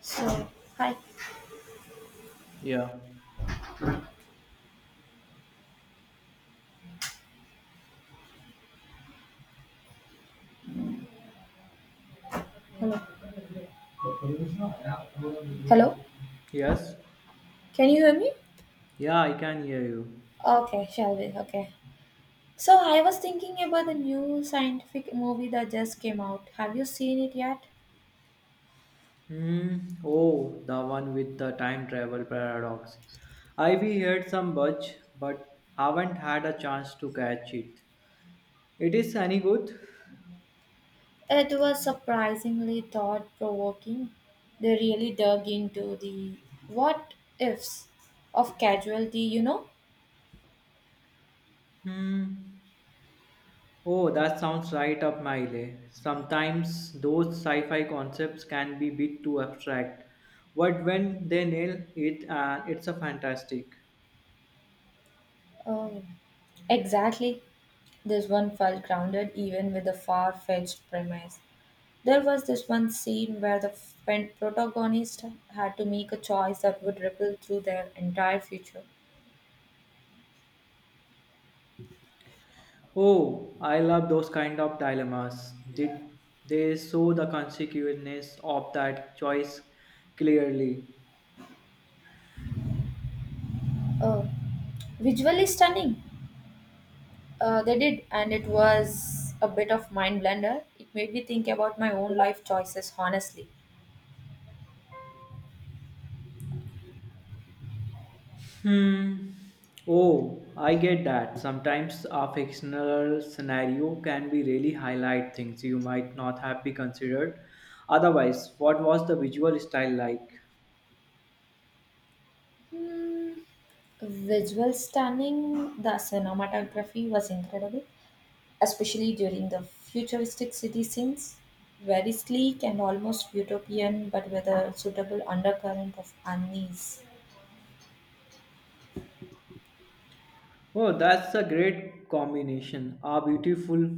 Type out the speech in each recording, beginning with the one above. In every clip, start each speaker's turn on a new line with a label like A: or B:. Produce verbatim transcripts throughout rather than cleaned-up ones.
A: So, hi.
B: Yeah.
A: Hello. Hello.
B: Yes.
A: Can you hear me?
B: Yeah, I can hear you.
A: Okay, shall we? Okay. So, I was thinking about the new scientific movie that just came out. Have you seen it yet?
B: Hmm. Oh, the one with the time travel paradox. I be heard some buzz, but haven't had a chance to catch it. It is any good?
A: It was surprisingly thought provoking. They really dug into the what ifs of casualty, you know?
B: Hmm. Oh, that sounds right up my alley. Sometimes those sci-fi concepts can be bit too abstract, but when they nail it, and it's a fantastic.
A: Um, exactly. This one felt grounded even with a far fetched premise. There was this one scene where the f- pen- protagonist had to make a choice that would ripple through their entire future.
B: Oh, I love those kind of dilemmas. Did they show the consequences of that choice clearly?
A: Oh, visually stunning. Uh, they did, and it was a bit of mind blender. It made me think about my own life choices, honestly.
B: Hmm. Oh, I get that. Sometimes a fictional scenario can be really highlight things you might not have be considered. Otherwise, what was the visual style like?
A: Hmm, visual stunning. The cinematography was incredible, especially during the futuristic city scenes. Very sleek and almost utopian, but with a suitable undercurrent of unease.
B: Oh, that's a great combination. A beautiful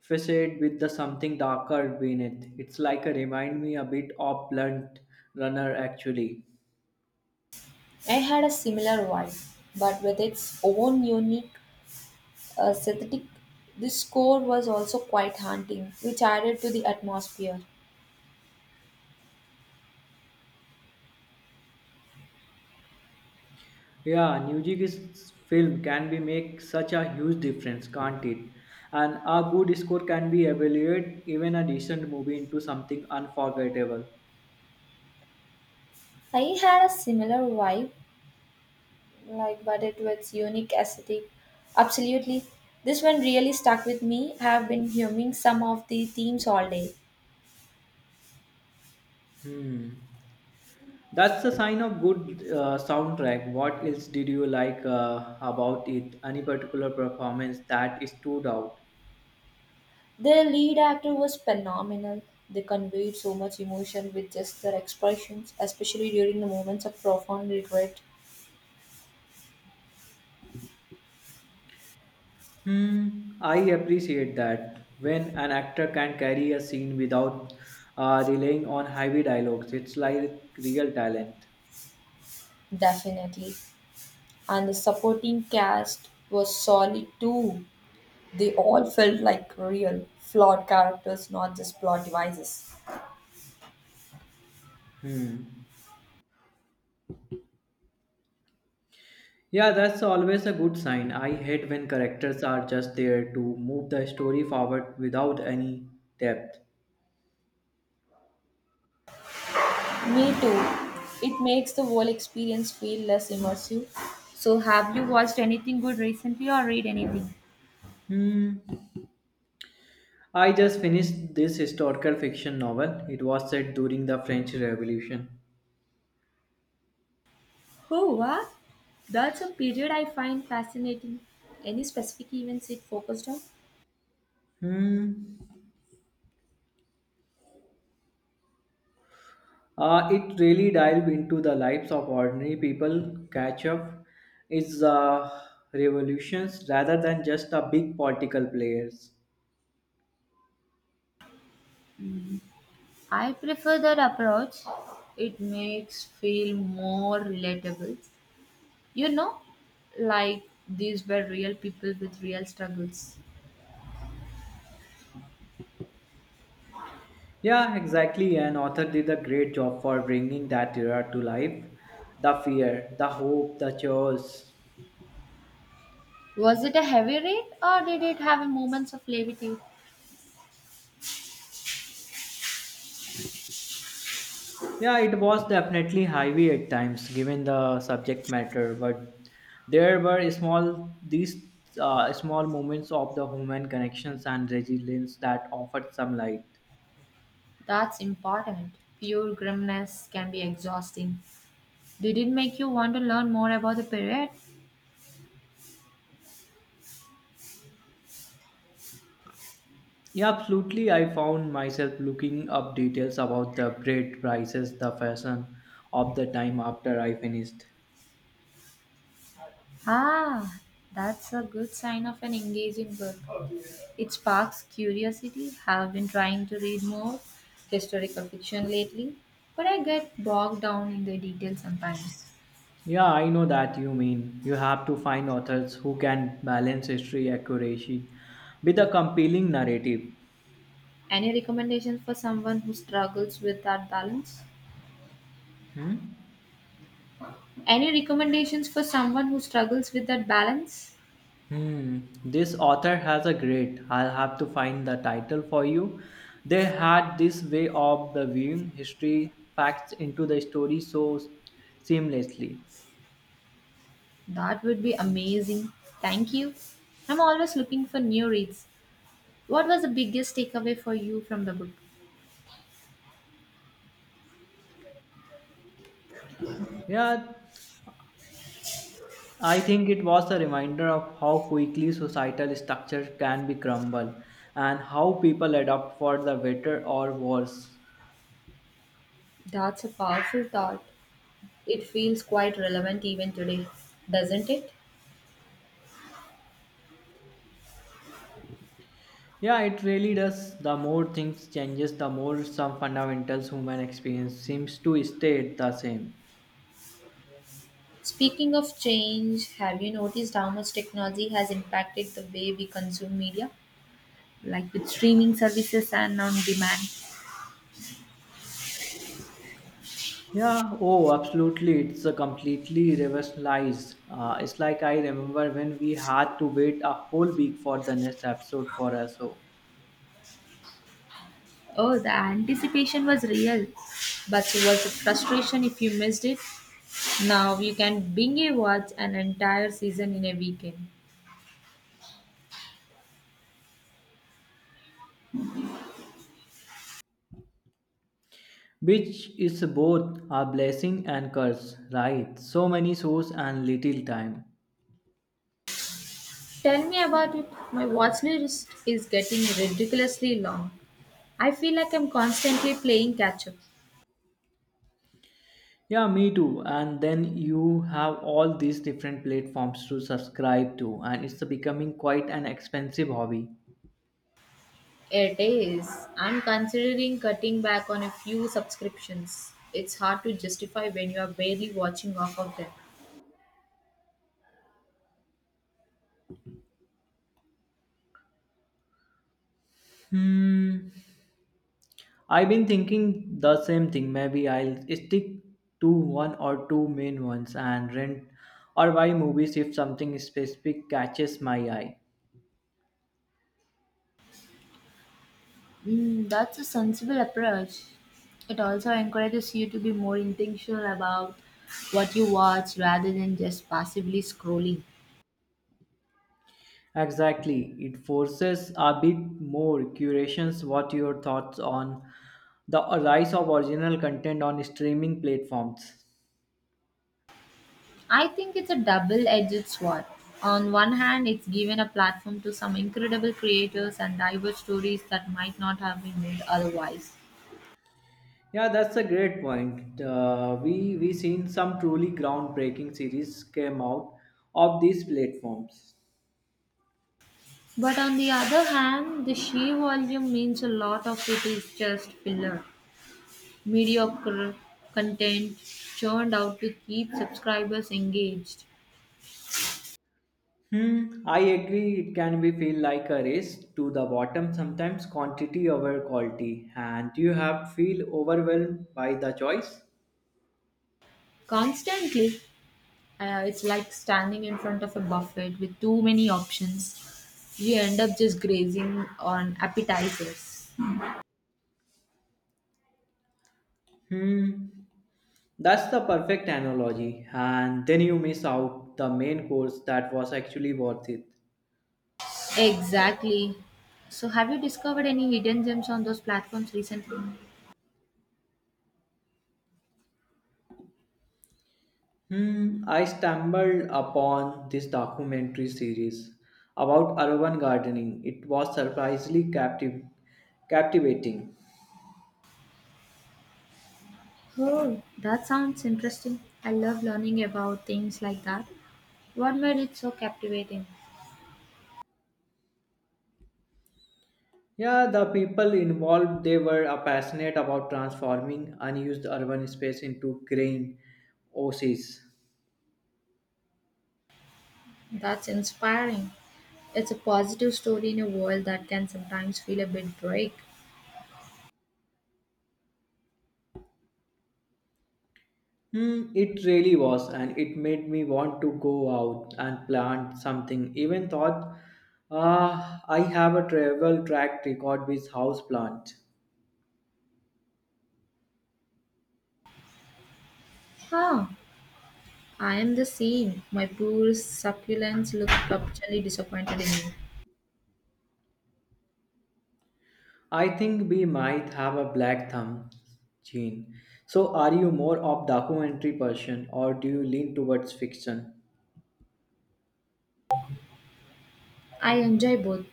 B: facade with the something darker beneath. It's like a remind me a bit of Blunt Runner actually.
A: I had a similar one, but with its own unique aesthetic. The score was also quite haunting, which added to the atmosphere.
B: Yeah, Newjig's film can be make such a huge difference, can't it? And a good score can be evaluate even a decent movie into something unforgettable.
A: I had a similar vibe, like but it was unique aesthetic. Absolutely, this one really stuck with me. I have been humming some of the themes all day.
B: Hmm. That's a sign of good uh, soundtrack. What else did you like uh, about it? Any particular performance that stood out?
A: The lead actor was phenomenal. They conveyed so much emotion with just their expressions, especially during the moments of profound regret.
B: Hmm, I appreciate that. When an actor can carry a scene without uh, relying on heavy dialogues, it's like real talent.
A: Definitely, and the supporting cast was solid too. They all felt like real, flawed characters, not just plot devices.
B: Hmm. Yeah, that's always a good sign. I hate when characters are just there to move the story forward without any depth.
A: Me too. It makes the whole experience feel less immersive. So, have you watched anything good recently or read anything?
B: Hmm. I just finished this historical fiction novel. It was set during the French Revolution.
A: Oh, wow! That's a period I find fascinating. Any specific events it focused on?
B: Hmm. Uh, it really dive into the lives of ordinary people. Catch up is uh, revolutions rather than just a big political players.
A: I prefer that approach. It makes feel more relatable. You know, like these were real people with real struggles.
B: Yeah, exactly. An author did a great job for bringing that era to life. The fear, the hope, the chaos.
A: Was it a heavy read or did it have moments of levity?
B: Yeah, it was definitely heavy at times given the subject matter, but there were small these uh, small moments of the human connections and resilience that offered some light.
A: That's important. Pure grimness can be exhausting. Did it make you want to learn more about the period?
B: Yeah, absolutely. I found myself looking up details about the bread prices, the fashion of the time after I finished.
A: Ah, that's a good sign of an engaging book. It sparks curiosity. Have been trying to read more historical fiction lately, but I get bogged down in the details sometimes.
B: Yeah, I know that you mean. You have to find authors who can balance history accuracy with a compelling narrative.
A: Any recommendations for someone who struggles with that balance?
B: Hmm?
A: Any recommendations for someone who struggles with that balance?
B: Hmm. This author has a great. I'll have to find the title for you. They had this way of the viewing history facts into the story so seamlessly.
A: That would be amazing. Thank you. I'm always looking for new reads. What was the biggest takeaway for you from the book?
B: Yeah, I think it was a reminder of how quickly societal structures can be crumbled and how people adapt for the better or worse.
A: That's a powerful thought. It feels quite relevant even today, doesn't it?
B: Yeah, it really does. The more things changes, the more some fundamental human experience seems to stay the same.
A: Speaking of change, have you noticed how much technology has impacted the way we consume media? Like with streaming services and on demand.
B: Yeah, oh, absolutely. It's a completely reversalized. Uh, it's like I remember when we had to wait a whole week for the next episode for us. So.
A: Oh, the anticipation was real, but it was the frustration if you missed it? Now you can binge watch an entire season in a weekend.
B: Which is both a blessing and curse, right? So many shows and little time.
A: Tell me about it. My watch list is getting ridiculously long. I feel like I'm constantly playing catch up.
B: Yeah, me too. And then you have all these different platforms to subscribe to, and it's becoming quite an expensive hobby.
A: It is. I'm considering cutting back on a few subscriptions. It's hard to justify when you are barely watching half of them.
B: Hmm. I've been thinking the same thing. Maybe I'll stick to one or two main ones and rent or buy movies if something specific catches my eye.
A: Mm, that's a sensible approach. It also encourages you to be more intentional about what you watch rather than just passively scrolling.
B: Exactly. It forces a bit more curations. What your thoughts on the rise of original content on streaming platforms?
A: I think it's a double edged sword. On one hand, it's given a platform to some incredible creators and diverse stories that might not have been made otherwise.
B: Yeah, that's a great point. Uh, we we seen some truly groundbreaking series came out of these platforms.
A: But on the other hand, the sheer volume means a lot of it is just filler, mediocre content churned out to keep subscribers engaged.
B: Hmm, I agree. It can be feel like a race to the bottom sometimes, quantity over quality, and you have feel overwhelmed by the choice.
A: Constantly, uh, it's like standing in front of a buffet with too many options. You end up just grazing on appetizers.
B: Hmm. That's the perfect analogy, and then you miss out the main course that was actually worth it.
A: Exactly. So, have you discovered any hidden gems on those platforms recently?
B: Hmm, I stumbled upon this documentary series about urban gardening. It was surprisingly captiv- captivating.
A: Oh, that sounds interesting. I love learning about things like that. What made it so captivating?
B: Yeah, the people involved they were uh, passionate about transforming unused urban space into green oases.
A: That's inspiring. It's a positive story in a world that can sometimes feel a bit bleak.
B: Hmm, it really was, and it made me want to go out and plant something. Even thought, ah, I have a travel track record with house plant.
A: Huh. I am the same. My poor succulents look perpetually disappointed in me.
B: I think we might have a black thumb gene. So, are you more of documentary person or do you lean towards fiction?
A: I enjoy both,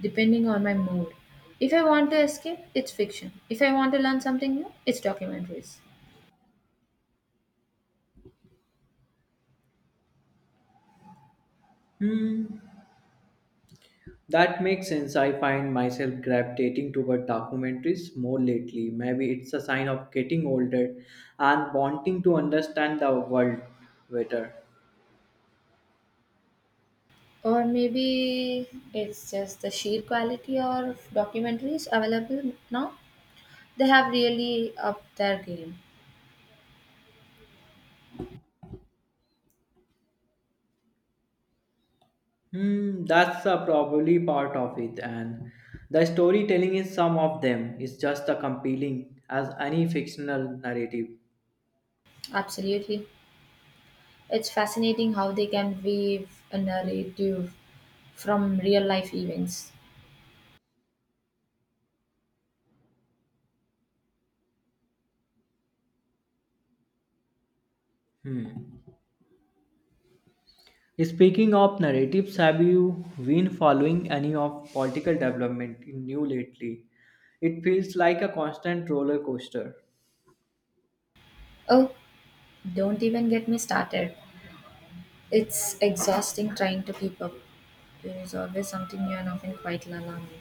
A: depending on my mood. If I want to escape, it's fiction. If I want to learn something new, it's documentaries.
B: Hmm. That makes sense. I find myself gravitating toward documentaries more lately. Maybe it's a sign of getting older and wanting to understand the world better.
A: Or maybe it's just the sheer quality of documentaries available now. They have really upped their game.
B: Hmm, that's uh, probably part of it, and the storytelling in some of them is just as compelling as any fictional narrative.
A: Absolutely. It's fascinating how they can weave a narrative from real life events.
B: Speaking of narratives, have you been following any of political development in new lately? It feels like a constant roller coaster.
A: Oh, don't even get me started. It's exhausting trying to keep up. There is always something new and often quite alarming.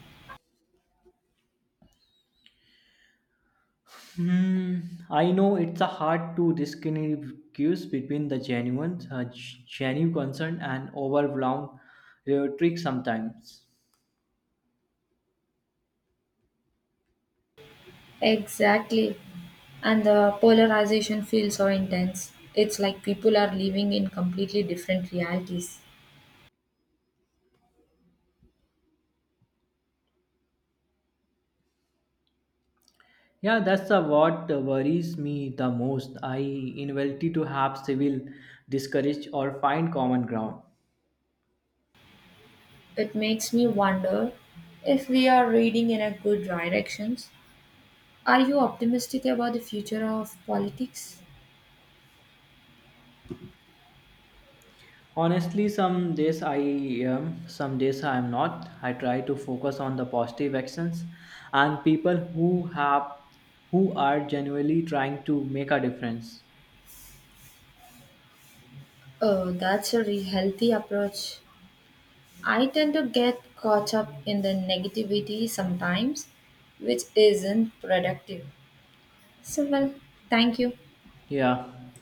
B: Hmm, I know it's a hard to distinguish between the genuine, uh, g- genuine concern and overblown rhetoric sometimes.
A: Exactly. And the polarization feels so intense. It's like people are living in completely different realities.
B: Yeah, that's the what worries me the most. I inability to have civil discourage or find common ground.
A: It makes me wonder if we are reading in a good directions. Are you optimistic about the future of politics?
B: Honestly, some days I am, some days I am not. I try to focus on the positive actions and people who have, who are genuinely trying to make a difference.
A: Oh, that's a really healthy approach. I tend to get caught up in the negativity sometimes, which isn't productive. So, well, thank you.
B: Yeah.